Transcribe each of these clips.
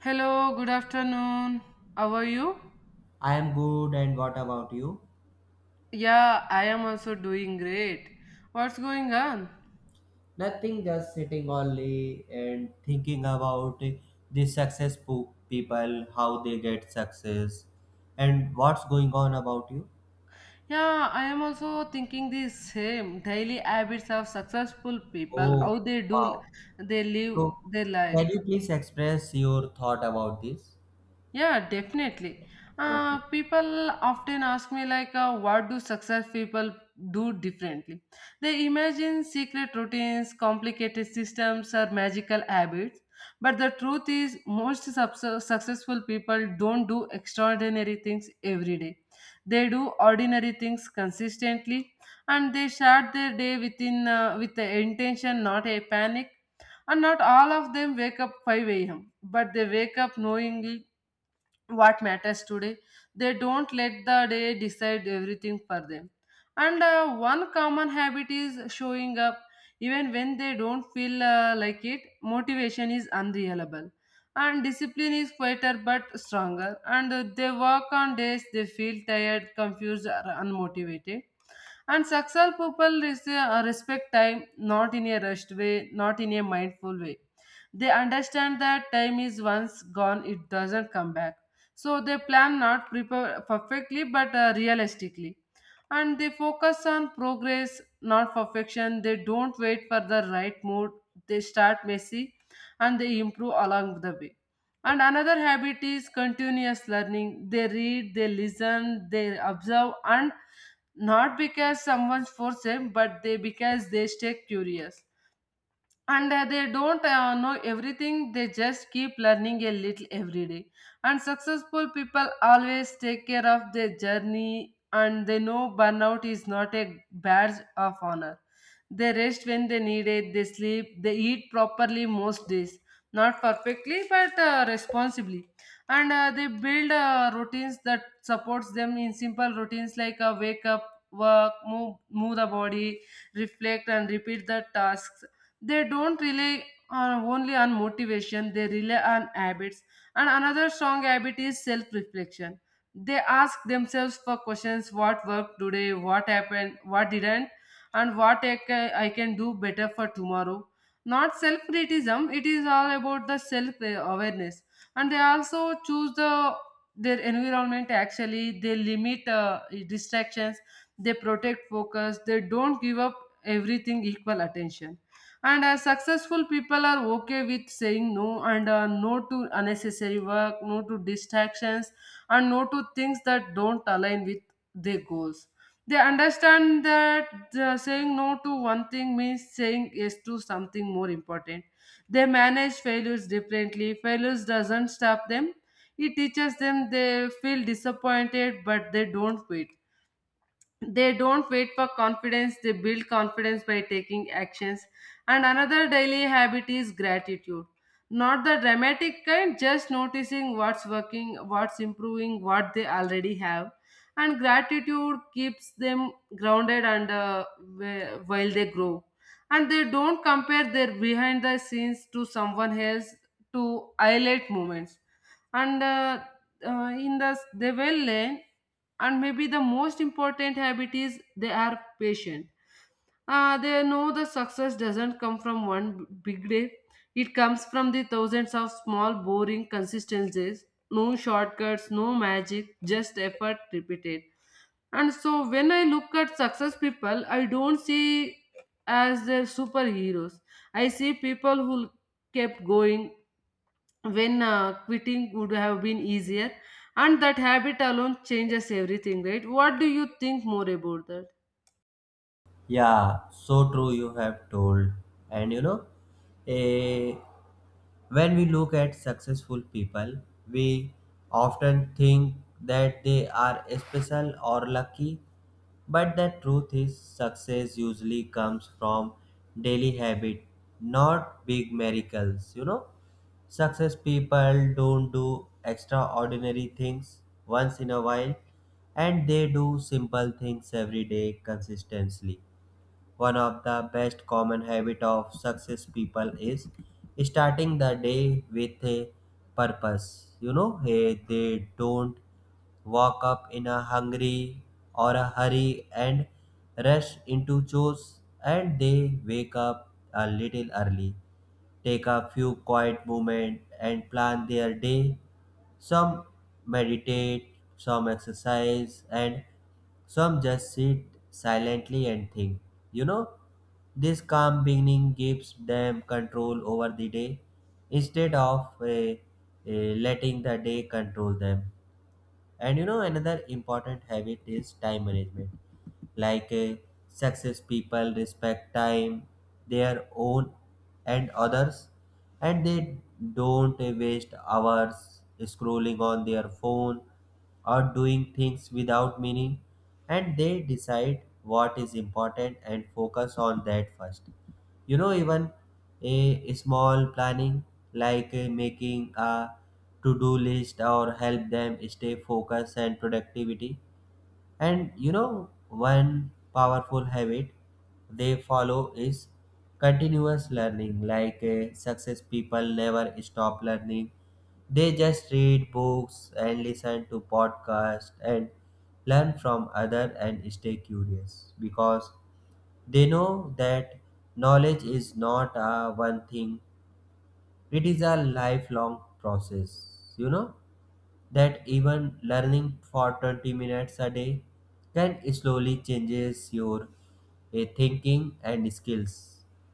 Hello, good afternoon. How are you? I am good, and what about you? Yeah, I am also doing great. What's going on? Nothing, just sitting only and thinking about the people, how they get success, and what's going on about you. Yeah, I am also thinking the same daily habits of successful people, Oh, how they do, wow. they live So, their life. can you please express your thought about this? Yeah, definitely. Okay. People often ask me what do success people do differently? They imagine secret routines, complicated systems, or magical habits. But the truth is, successful people don't do extraordinary things every day. They do ordinary things consistently, and they start their day with the intention, not a panic. And not all of them wake up 5 a.m. But they wake up knowingly what matters today. They don't let the day decide everything for them. And One common habit is showing up even when they don't feel like it. Motivation is unreliable, and discipline is quieter but stronger. And They work on days they feel tired, confused, or unmotivated. And successful people respect time, not in a rushed way, not in a mindful way. They understand that time, is once gone, it doesn't come back, so they plan, not prepare perfectly but realistically. And they focus on progress, not perfection. They don't wait for the right mood. They start messy and they improve along the way. And another habit is continuous learning. They read, they listen, they observe, and not because someone forced them, but they because they stay curious, and they don't know everything, they just keep learning a little every day. And successful people always take care of their journey, and they know burnout is not a badge of honor. They rest when they need it, they sleep, they eat properly most days, not perfectly but responsibly. And uh, they build routines that supports them, in simple routines like wake up, work, move the body, reflect, and repeat the tasks. They don't rely on, only on motivation, they rely on habits. And another strong habit is self reflection. They ask themselves for questions: what worked today, what happened, what didn't, and what I can do better for tomorrow. Not self criticism, it is all about the self awareness. And they also choose the their environment. Actually, they limit distractions, they protect focus, they don't give up everything equal attention. And Successful people are okay with saying no, and no to unnecessary work, no to distractions, and no to things that don't align with their goals. They understand that saying no to one thing means saying yes to something more important. They manage failures differently. Failures doesn't stop them, it teaches them. They feel disappointed but they don't quit. They don't wait for confidence, they build confidence by taking actions. And another daily habit is gratitude, not the dramatic kind, just noticing what's working, what's improving, what they already have. And gratitude keeps them grounded while they grow. And they don't compare their behind the scenes to someone else, to highlight moments. And In the they will learn. And maybe the most important habit is they are patient. They know the success doesn't come from one big day, it comes from the thousands of small, boring consistencies. No shortcuts, no magic, just effort repeated. And so when I look at success people, I don't see as their superheroes. I see people who kept going, when quitting would have been easier, and that habit alone changes everything, right? What do you think more about that? Yeah, so true you have told. And you know, a when we look at successful people, we often think that they are special or lucky, but the truth is, success usually comes from daily habit, not big miracles. You know, success people don't do extraordinary things once in a while, and they do simple things every day consistently. One of the best common habit of success people is starting the day with a purpose. You know, they don't walk up in a hungry or a hurry and rush into chores, and they wake up a little early, take a few quiet moments, and plan their day. Some meditate, some exercise, and some just sit silently and think. You know, this calm beginning gives them control over the day instead of letting the day control them. And you know, another important habit is time management. Like uh, success people respect time, their own and others, and they don't waste hours scrolling on their phone or doing things without meaning. And they decide what is important and focus on that first. You know, even a small planning, like making a to-do list, or help them stay focused and productivity. And you know, one powerful habit they follow is continuous learning. Success people never stop learning. They just read books and listen to podcasts and learn from other and stay curious, because they know that knowledge is not a one thing, it is a lifelong process. You know that even learning for 20 minutes a day can slowly changes your thinking and skills.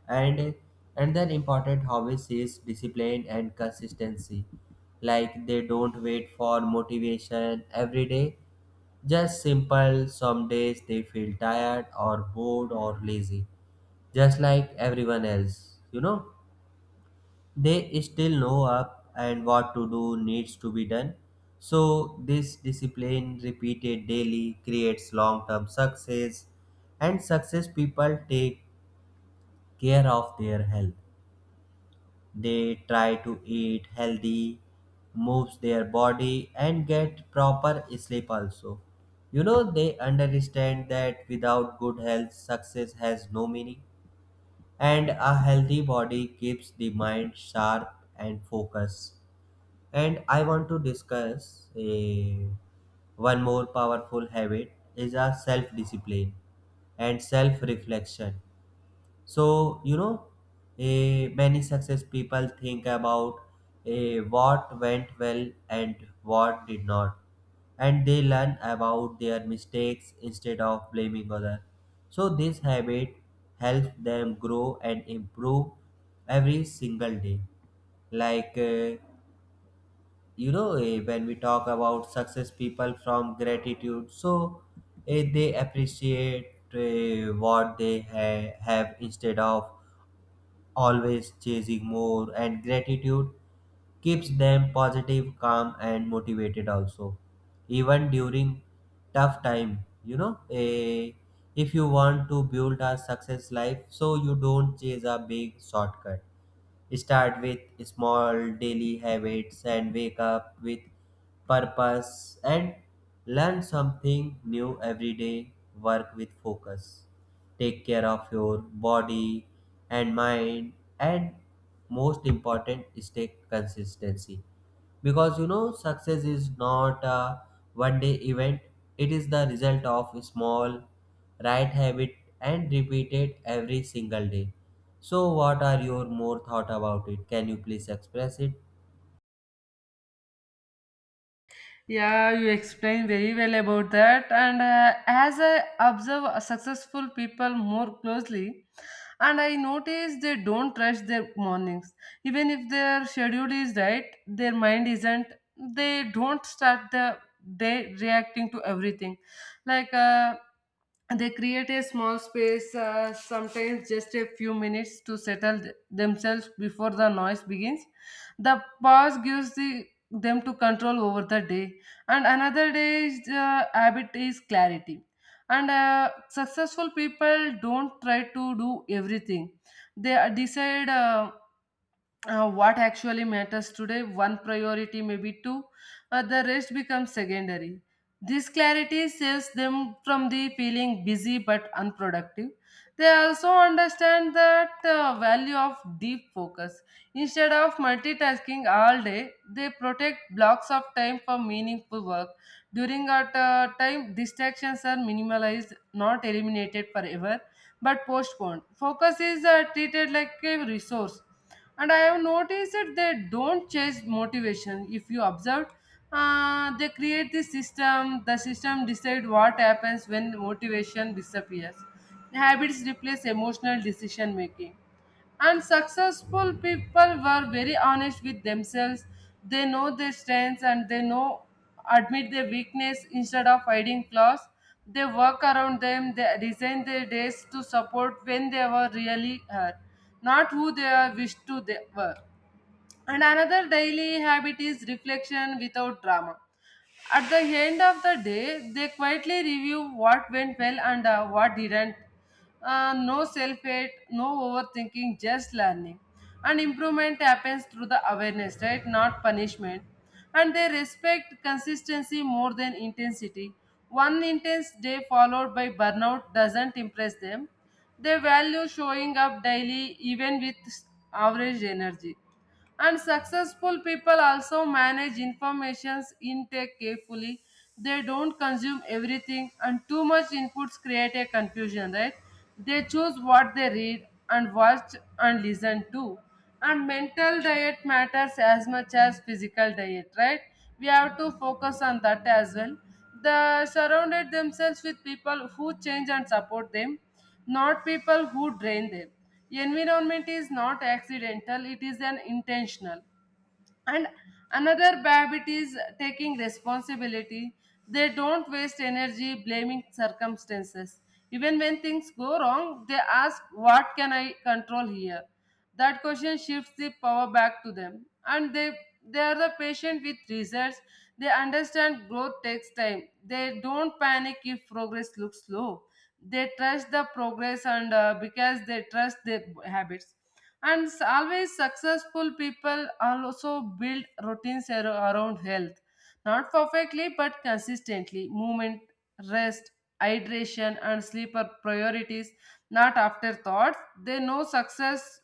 And another important hobbies is discipline and consistency. Like, they don't wait for motivation every day. Just simple, some days they feel tired or bored or lazy, just like everyone else. You know, they still know up and what to do needs to be done. So this discipline repeated daily creates long term success. And success people take care of their health. They try to eat healthy, moves their body, and get proper sleep also. You know, they understand that without good health, success has no meaning. And a healthy body keeps the mind sharp and focused. And I want to discuss a one more powerful habit is a self discipline and self reflection. So, you know, many success people think about what went well and what did not, and they learn about their mistakes instead of blaming others. So, this habit helps them grow and improve every single day. Like, eh, when we talk about success people from gratitude, so they appreciate what they have instead of always chasing more, and gratitude keeps them positive, calm, and motivated also, even during tough time. You know, if you want to build a success life, so you don't chase a big shortcut. Start with small daily habits, and wake up with purpose, and learn something new every day. Work with focus. Take care of your body and mind, and most important is take consistency, because you know success is not a one day event. It is the result of a small right habit and repeated every single day. So what are your more thought about it? Can you please express it? Yeah, you explained very well about that. And As I observe successful people more closely, and I notice they don't rush their mornings. Even if their schedule is right, their mind isn't, they don't start the day reacting to everything. Like, uh, they create a small space, sometimes just a few minutes, to settle themselves before the noise begins. The pause gives the, them to control over the day. And another day is the habit is clarity. And Successful people don't try to do everything. They decide what actually matters today, one priority, maybe two. The rest becomes secondary. This clarity saves them from the feeling busy but unproductive. They also understand that value of deep focus. Instead of multitasking all day, they protect blocks of time for meaningful work. During our time, distractions are minimalized, not eliminated forever, but postponed. Focus is treated like a resource. And I have noticed that they don't chase motivation. If you observe, they create the system. The system decide what happens when motivation disappears. Habits replace emotional decision making. And successful people were very honest with themselves. They know their strengths and they know admit their weakness instead of hiding flaws. They work around them, they design their days to support when they were really hurt, not who they are wished to they were. And another daily habit is reflection without drama. At the end of the day, they quietly review what went well and what didn't. No self hate, no overthinking, just learning. And improvement happens through the awareness, right? Not punishment. And they respect consistency more than intensity. One intense day followed by burnout doesn't impress them. They value showing up daily even with average energy. And successful people also manage information's intake carefully. They don't consume everything, and too much inputs create a confusion, right? They choose what they read and watch and listen to. And mental diet matters as much as physical diet, right? We have to focus on that as well. They surrounded themselves with people who change and support them, not people who drain them. Environment is not accidental, it is an intentional. And another bad habit is taking responsibility. They don't waste energy blaming circumstances. Even when things go wrong, they ask, what can I control here? That question shifts the power back to them. And they are the patient with results. They understand growth takes time. They don't panic if progress looks slow, they trust the progress, and because they trust their habits. Always successful people also build routines around health, not perfectly but consistently. Movement, rest, hydration, and sleep are priorities, not afterthoughts. They know success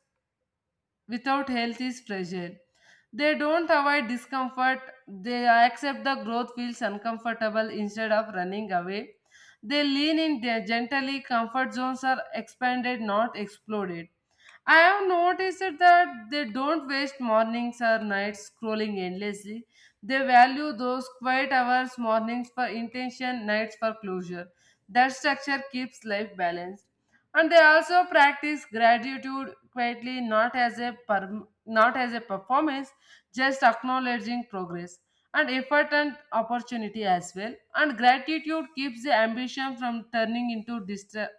without health is fragile. They don't avoid discomfort, they accept the growth feels uncomfortable instead of running away. They lean in their gently, comfort zones are expanded, not exploded. I have noticed that they don't waste mornings or nights scrolling endlessly. They value those quiet hours, mornings for intention, nights for closure. That structure keeps life balanced. And they also practice gratitude quietly, not as a performance, just acknowledging progress and effort and opportunity as well. And gratitude keeps the ambition from turning into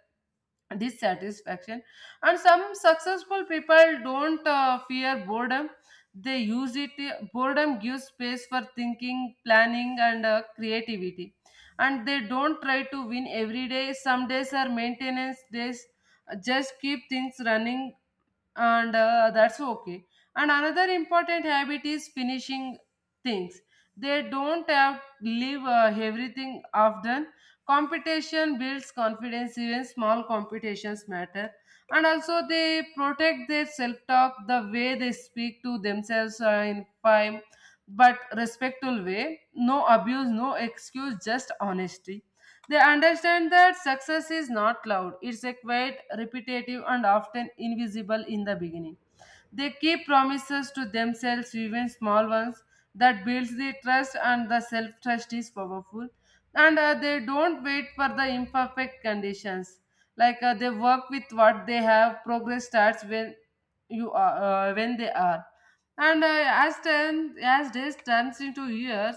dissatisfaction. And some successful people don't fear boredom, they use it. Boredom gives space for thinking, planning, and creativity. And they don't try to win every day, some days are maintenance days, just keep things running, and that's okay. And another important habit is finishing things. They don't have leave everything often. Competition builds confidence, even small competitions matter. And also they protect their self-talk, the way they speak to themselves, in five but respectful way. No abuse, no excuse, just honesty. They understand that success is not loud, it's a quiet, repetitive, and often invisible in the beginning. They keep promises to themselves, even small ones, that builds the trust, and the self trust is powerful. And They don't wait for the imperfect conditions. They work with what they have. Progress starts when you are when they are. As days turns into years,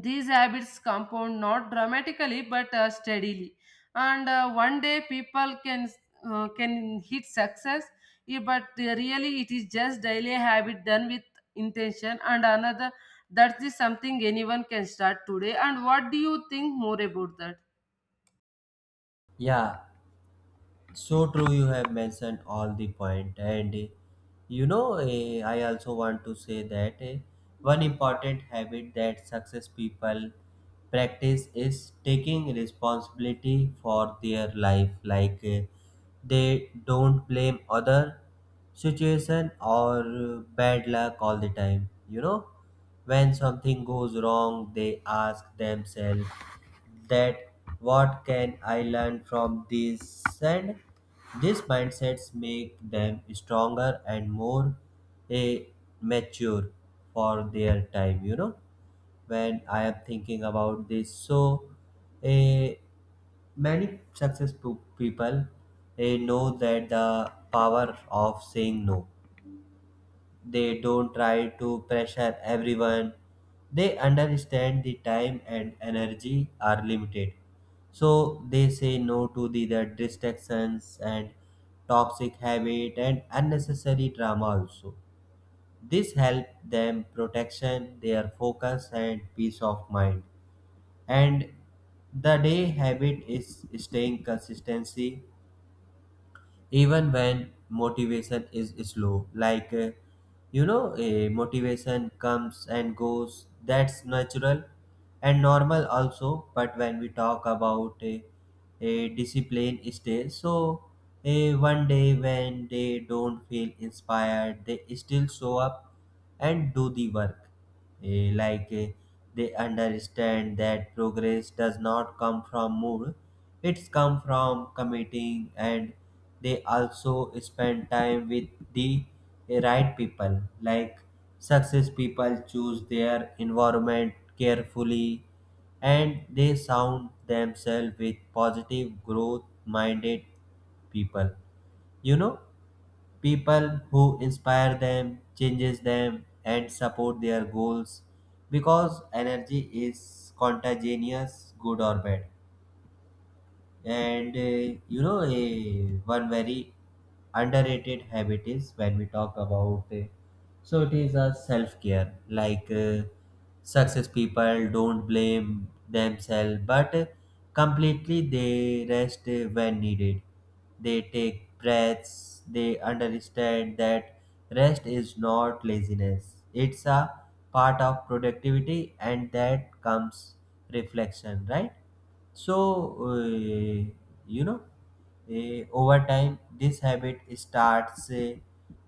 these habits compound not dramatically but steadily. And One day people can hit success, but they really it is just daily habit done with intention. And another that is something anyone can start today. And what do you think more about that? Yeah. So true, you have mentioned all the point, and you know, I also want to say that one important habit that success people practice is taking responsibility for their life. They don't blame other situation or bad luck all the time. You know, when something goes wrong, they ask themselves that what can I learn from this, and these mindsets make them stronger and more eh, mature for their time. You know, when I am thinking about this. So, eh, many successful people know that the power of saying no. They don't try to pressure everyone. They understand the time and energy are limited. So they say no to the distractions and toxic habit and unnecessary drama also. This help them protection, their focus and peace of mind. And the day habit is staying consistency even when motivation is slow. You know, a motivation comes and goes. That's natural and normal also. But when we talk about a discipline stay, so a one day when they don't feel inspired, they still show up and do the work. Eh, like eh, they understand that progress does not come from mood, it's come from committing. And they also spend time with the right people. Like, success people choose their environment carefully, and they sound themselves with positive growth minded people. You know, people who inspire them, changes them, and support their goals, because energy is contagious, good or bad. And you know, a one very underrated habit is when we talk about so it is a self care. Success people don't blame themselves, but completely they rest when needed. They take breaths. They understand that rest is not laziness. It's a part of productivity, and that comes reflection, right? So, you know, over time, this habit starts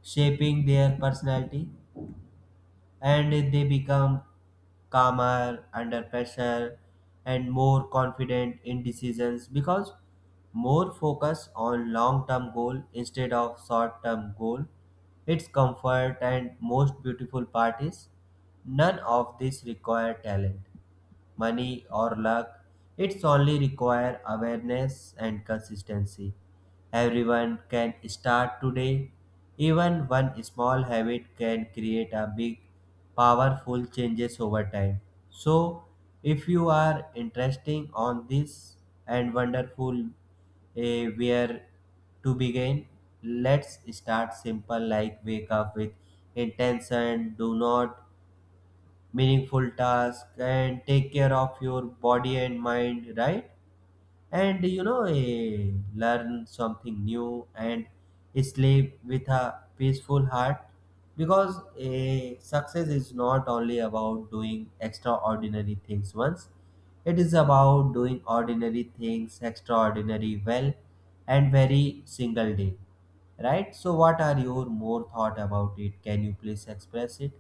shaping their personality, and they become calmer under pressure and more confident in decisions, because more focus on long-term goal instead of short-term goal. Its comfort and most beautiful part is none of this require talent, money, or luck. It's only require awareness and consistency. Everyone can start today. Even one small habit can create a big, powerful changes over time. So, if you are interested on this and wonderful where to begin, let's start simple, like wake up with intention. Do not meaningful task and take care of your body and mind, right? And you know, learn something new and sleep with a peaceful heart, because a success is not only about doing extraordinary things once, it is about doing ordinary things extraordinary well and very single day, right? So what are your more thought about it? Can you please express it?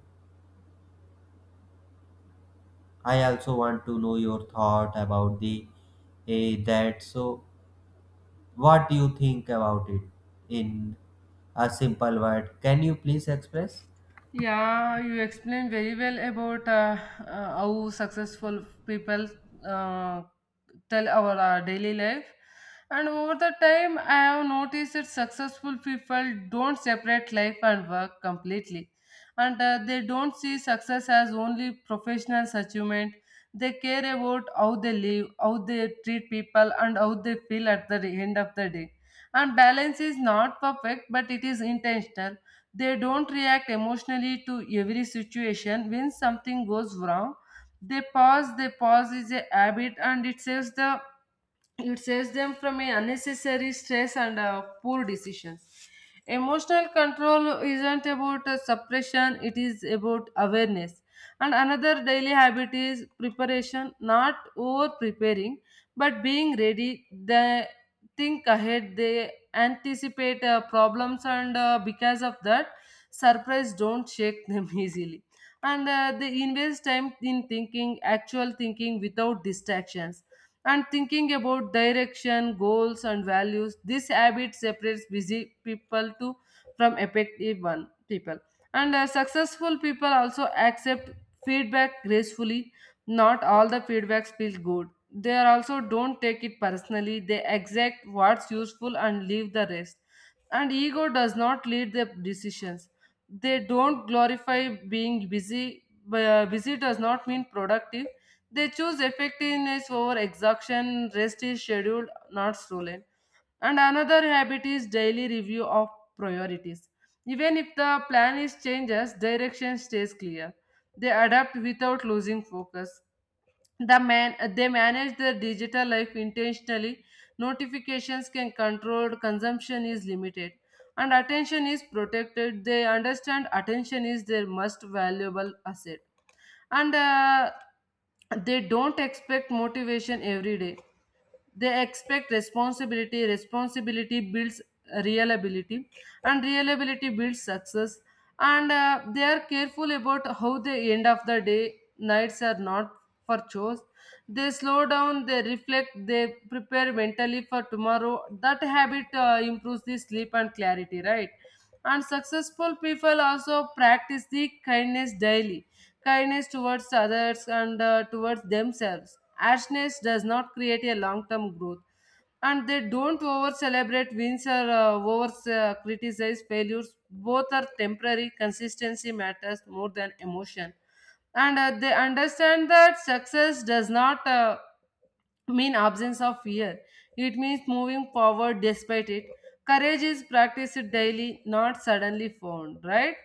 I also want to know your thought about the that. So, what do you think about it in a simple word? Can you please express? Yeah, you explained very well about how successful people uh, tell our daily life. And over the time, I have noticed that successful people don't separate life and work completely. And They don't see success as only professional achievement. They care about how they live, how they treat people, and how they feel at the end of the day. And balance is not perfect, but it is intentional. They don't react emotionally to every situation. When something goes wrong, they pause. Is a habit and it saves them from a unnecessary stress and poor decisions. Emotional control isn't about suppression, it is about awareness. And another daily habit is preparation, not over preparing but being ready. The think ahead, they anticipate problems, and because of that surprise don't shake them easily. And they invest time in thinking, actual thinking without distractions, and thinking about direction, goals, and values. This habit separates busy people to from effective one people. And successful people also accept feedback gracefully. Not all the feedbacks feel good. They are also don't take it personally. They exact what's useful and leave the rest. And ego does not lead the decisions. They don't glorify being busy. Busy does not mean productive. They choose effectiveness over exhaustion. Rest is scheduled, not stolen. And another habit is daily review of priorities. Even if the plan is changes, direction stays clear. They adapt without losing focus. They manage their digital life intentionally. Notifications can control, consumption is limited, and attention is protected. They understand attention is their most valuable asset. And they don't expect motivation every day, they expect responsibility. Responsibility builds reliability, and reliability builds success. And they are careful about how the end of the day. Nights are not for chores. They slow down, they reflect, they prepare mentally for tomorrow. That habit improves the sleep and clarity, right? And successful people also practice the kindness daily, kindness towards others and towards themselves. Harshness does not create a long term growth. And they don't over celebrate wins or over criticize failures. Both are temporary. Consistency matters more than emotion. And they understand that success does not. Mean absence of fear. It means moving forward despite it. Courage is practiced daily, not suddenly found, right?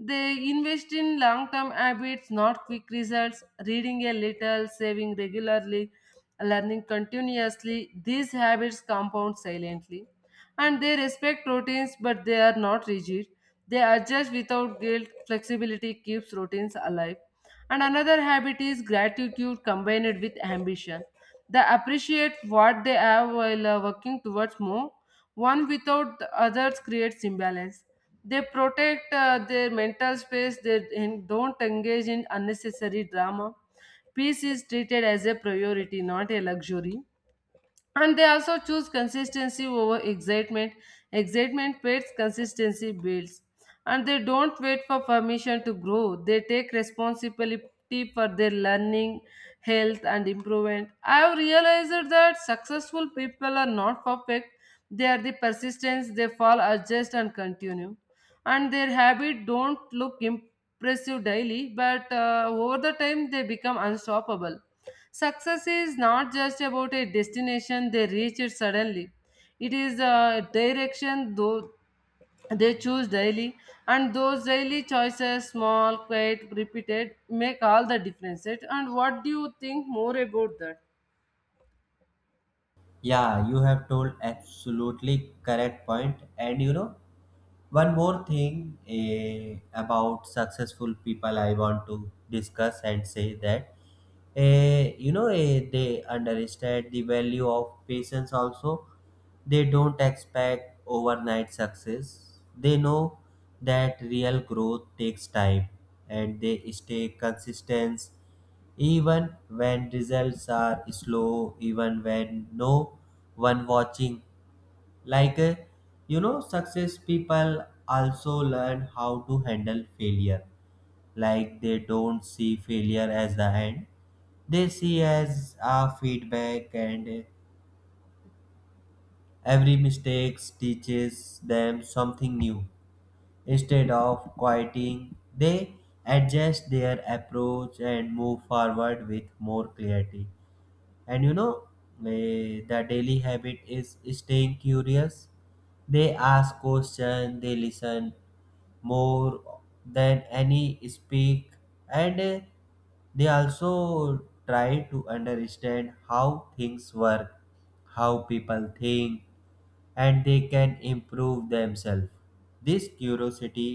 They invest in long term habits, not quick results, reading a little, saving regularly, learning continuously. These habits compound silently. And they respect routines, but they are not rigid. They adjust without guilt. Flexibility keeps routines alive. And another habit is gratitude combined with ambition. They appreciate what they have while working towards more. One without the others creates imbalance. They protect their mental space, they don't engage in unnecessary drama. Peace is treated as a priority, not a luxury. And they also choose consistency over excitement. Excitement fades, consistency builds. And they don't wait for permission to grow. They take responsibility for their learning, health, and improvement. I have realized that successful people are not perfect. They are the persistence, they fall, adjust, and continue. And their habit don't look impressive daily, but over the time they become unstoppable. Success is not just about a destination they reach it suddenly, it is a direction though they choose daily. And those daily choices, small, quiet, repeated, make all the difference. And what do you think more about that? Yeah, you have told absolutely correct point, and you know. One more thing about successful people, I want to discuss and say that you know, they understand the value of patience. Also, they don't expect overnight success. They know that real growth takes time, and they stay consistent even when results are slow, even when no one watching. like uh, you know, success people also learn how to handle failure. Like, they don't see failure as the end. They see as a feedback, and every mistake teaches them something new. Instead of quieting, they adjust their approach and move forward with more clarity. And you know, the daily habit is staying curious. They ask questions, they listen more than any speak. And they also try to understand how things work, how people think, and they can improve themselves. This curiosity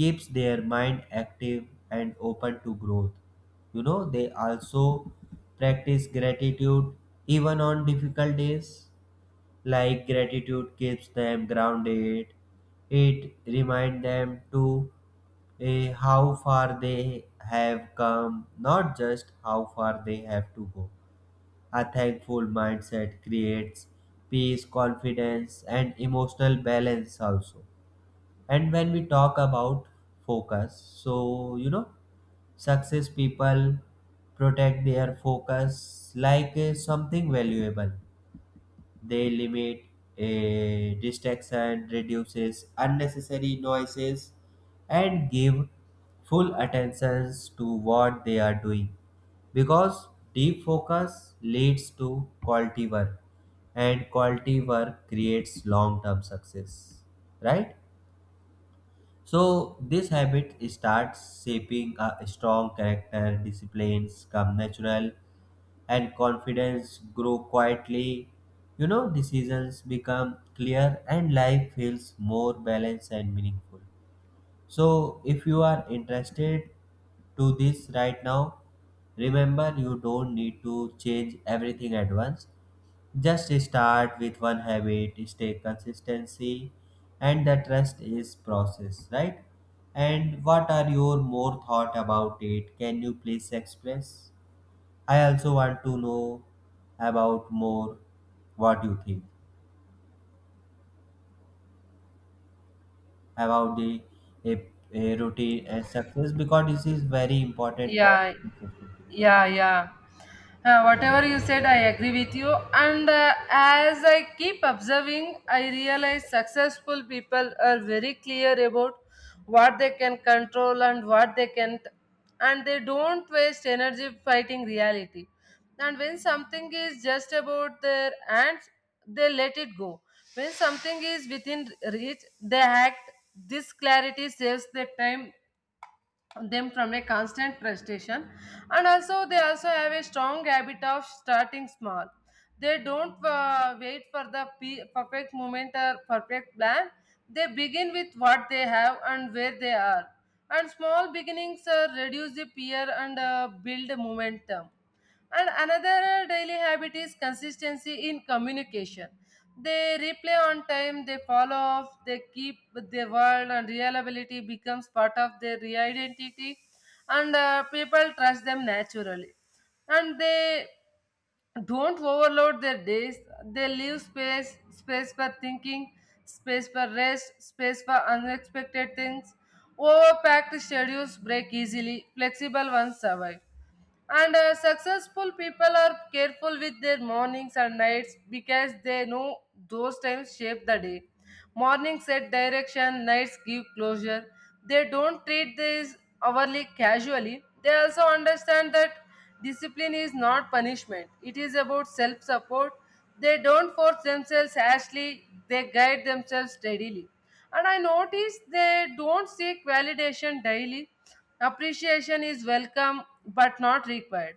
keeps their mind active and open to growth. You know, they also practice gratitude even on difficult days. Like, gratitude keeps them grounded. It reminds them to how far they have come, not just how far they have to go. A thankful mindset creates peace, confidence, and emotional balance also. And when we talk about focus, so you know, success people protect their focus like something valuable. They limit a distraction, reduces unnecessary noises, and give full attentions to what they are doing. Because deep focus leads to quality work, and quality work creates long-term success. Right? So this habit starts shaping a strong character, disciplines come natural, and confidence grow quietly. You know, decisions become clear and life feels more balanced and meaningful. So if you are interested to this right now, remember you don't need to change everything at once. Just start with one habit, stay consistency, and the trust is process, right? And what are your more thought about it? Can you please express? I also want to know about more what you think about the a, a routine a success, because this is very important for Yeah. successful people. Yeah, yeah. Whatever you said, I agree with you. And as I keep observing, I realize successful people are very clear about what they can control and what they can't. And they don't waste energy fighting reality. And when something is just about their hands, they let it go. When something is within reach, they act. This clarity saves the time them from a constant frustration. And also they also have a strong habit of starting small. They don't wait for the perfect moment or perfect plan. They begin with what they have and where they are. And small beginnings reduce the fear and build momentum. And another daily habit is consistency in communication. They reply on time, they follow up, they keep their word, and reliability becomes part of their identity, and people trust them naturally. And they don't overload their days. They leave space, space for thinking, space for rest, space for unexpected things. Overpacked schedules break easily, flexible ones survive. And successful people are careful with their mornings and nights because they know those times shape the day. Mornings set direction, nights give closure. They don't treat these hourly casually. They also understand that discipline is not punishment, it is about self support. They don't force themselves harshly, they guide themselves steadily. And I notice they don't seek validation daily. Appreciation is welcome but not required.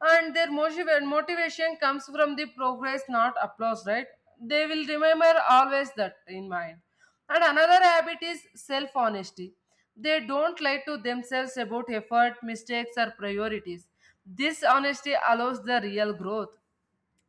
And their motivation comes from the progress, not applause, right? They will remember always that in mind. And another habit is self honesty. They don't lie to themselves about effort, mistakes, or priorities. This honesty allows the real growth.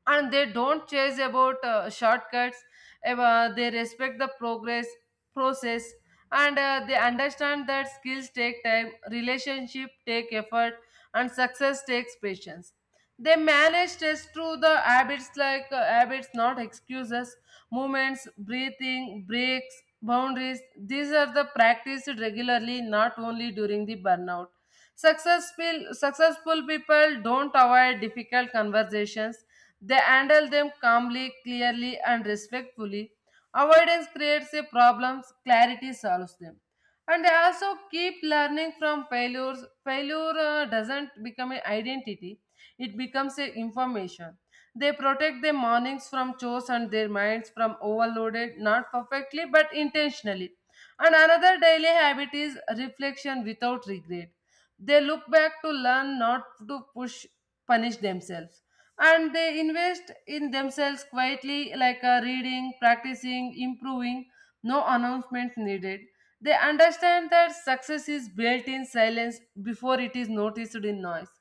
And they don't chase about shortcuts. They respect the progress process. And they understand that skills take time, relationship take effort, and success takes patience. They manage stress through the habits like habits, not excuses. Movements, breathing breaks, boundaries, these are the practiced regularly, not only during the burnout. Successful people don't avoid difficult conversations, they handle them calmly, clearly, and respectfully. Avoidance creates a problem, clarity solves them. And they also keep learning from failures. Failure doesn't become an identity, it becomes a information. They protect their mornings from chores and their minds from overloaded, not perfectly but intentionally. And another daily habit is reflection without regret. They look back to learn, not to push punish themselves. And they invest in themselves quietly, like reading, practicing, improving. No announcement needed. They understand that success is built in silence before it is noticed in noise.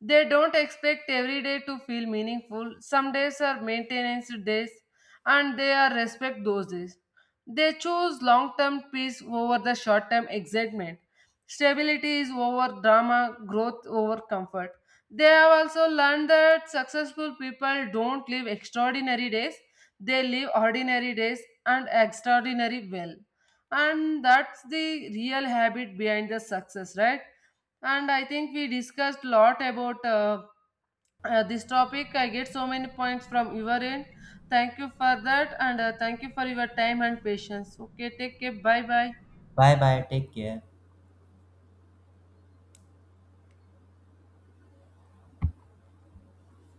They don't expect every day to feel meaningful. Some days are maintenance days, and they are respect those days. They choose long term peace over the short term excitement. Stability is over drama, growth over comfort. They have also learned that successful people don't live extraordinary days, they live ordinary days and extraordinary well. And that's the real habit behind the success, right? And I think we discussed a lot about this topic. I get so many points from your end. Thank you for that, and thank you for your time and patience. Okay, take care. Bye bye. Bye bye. Take care.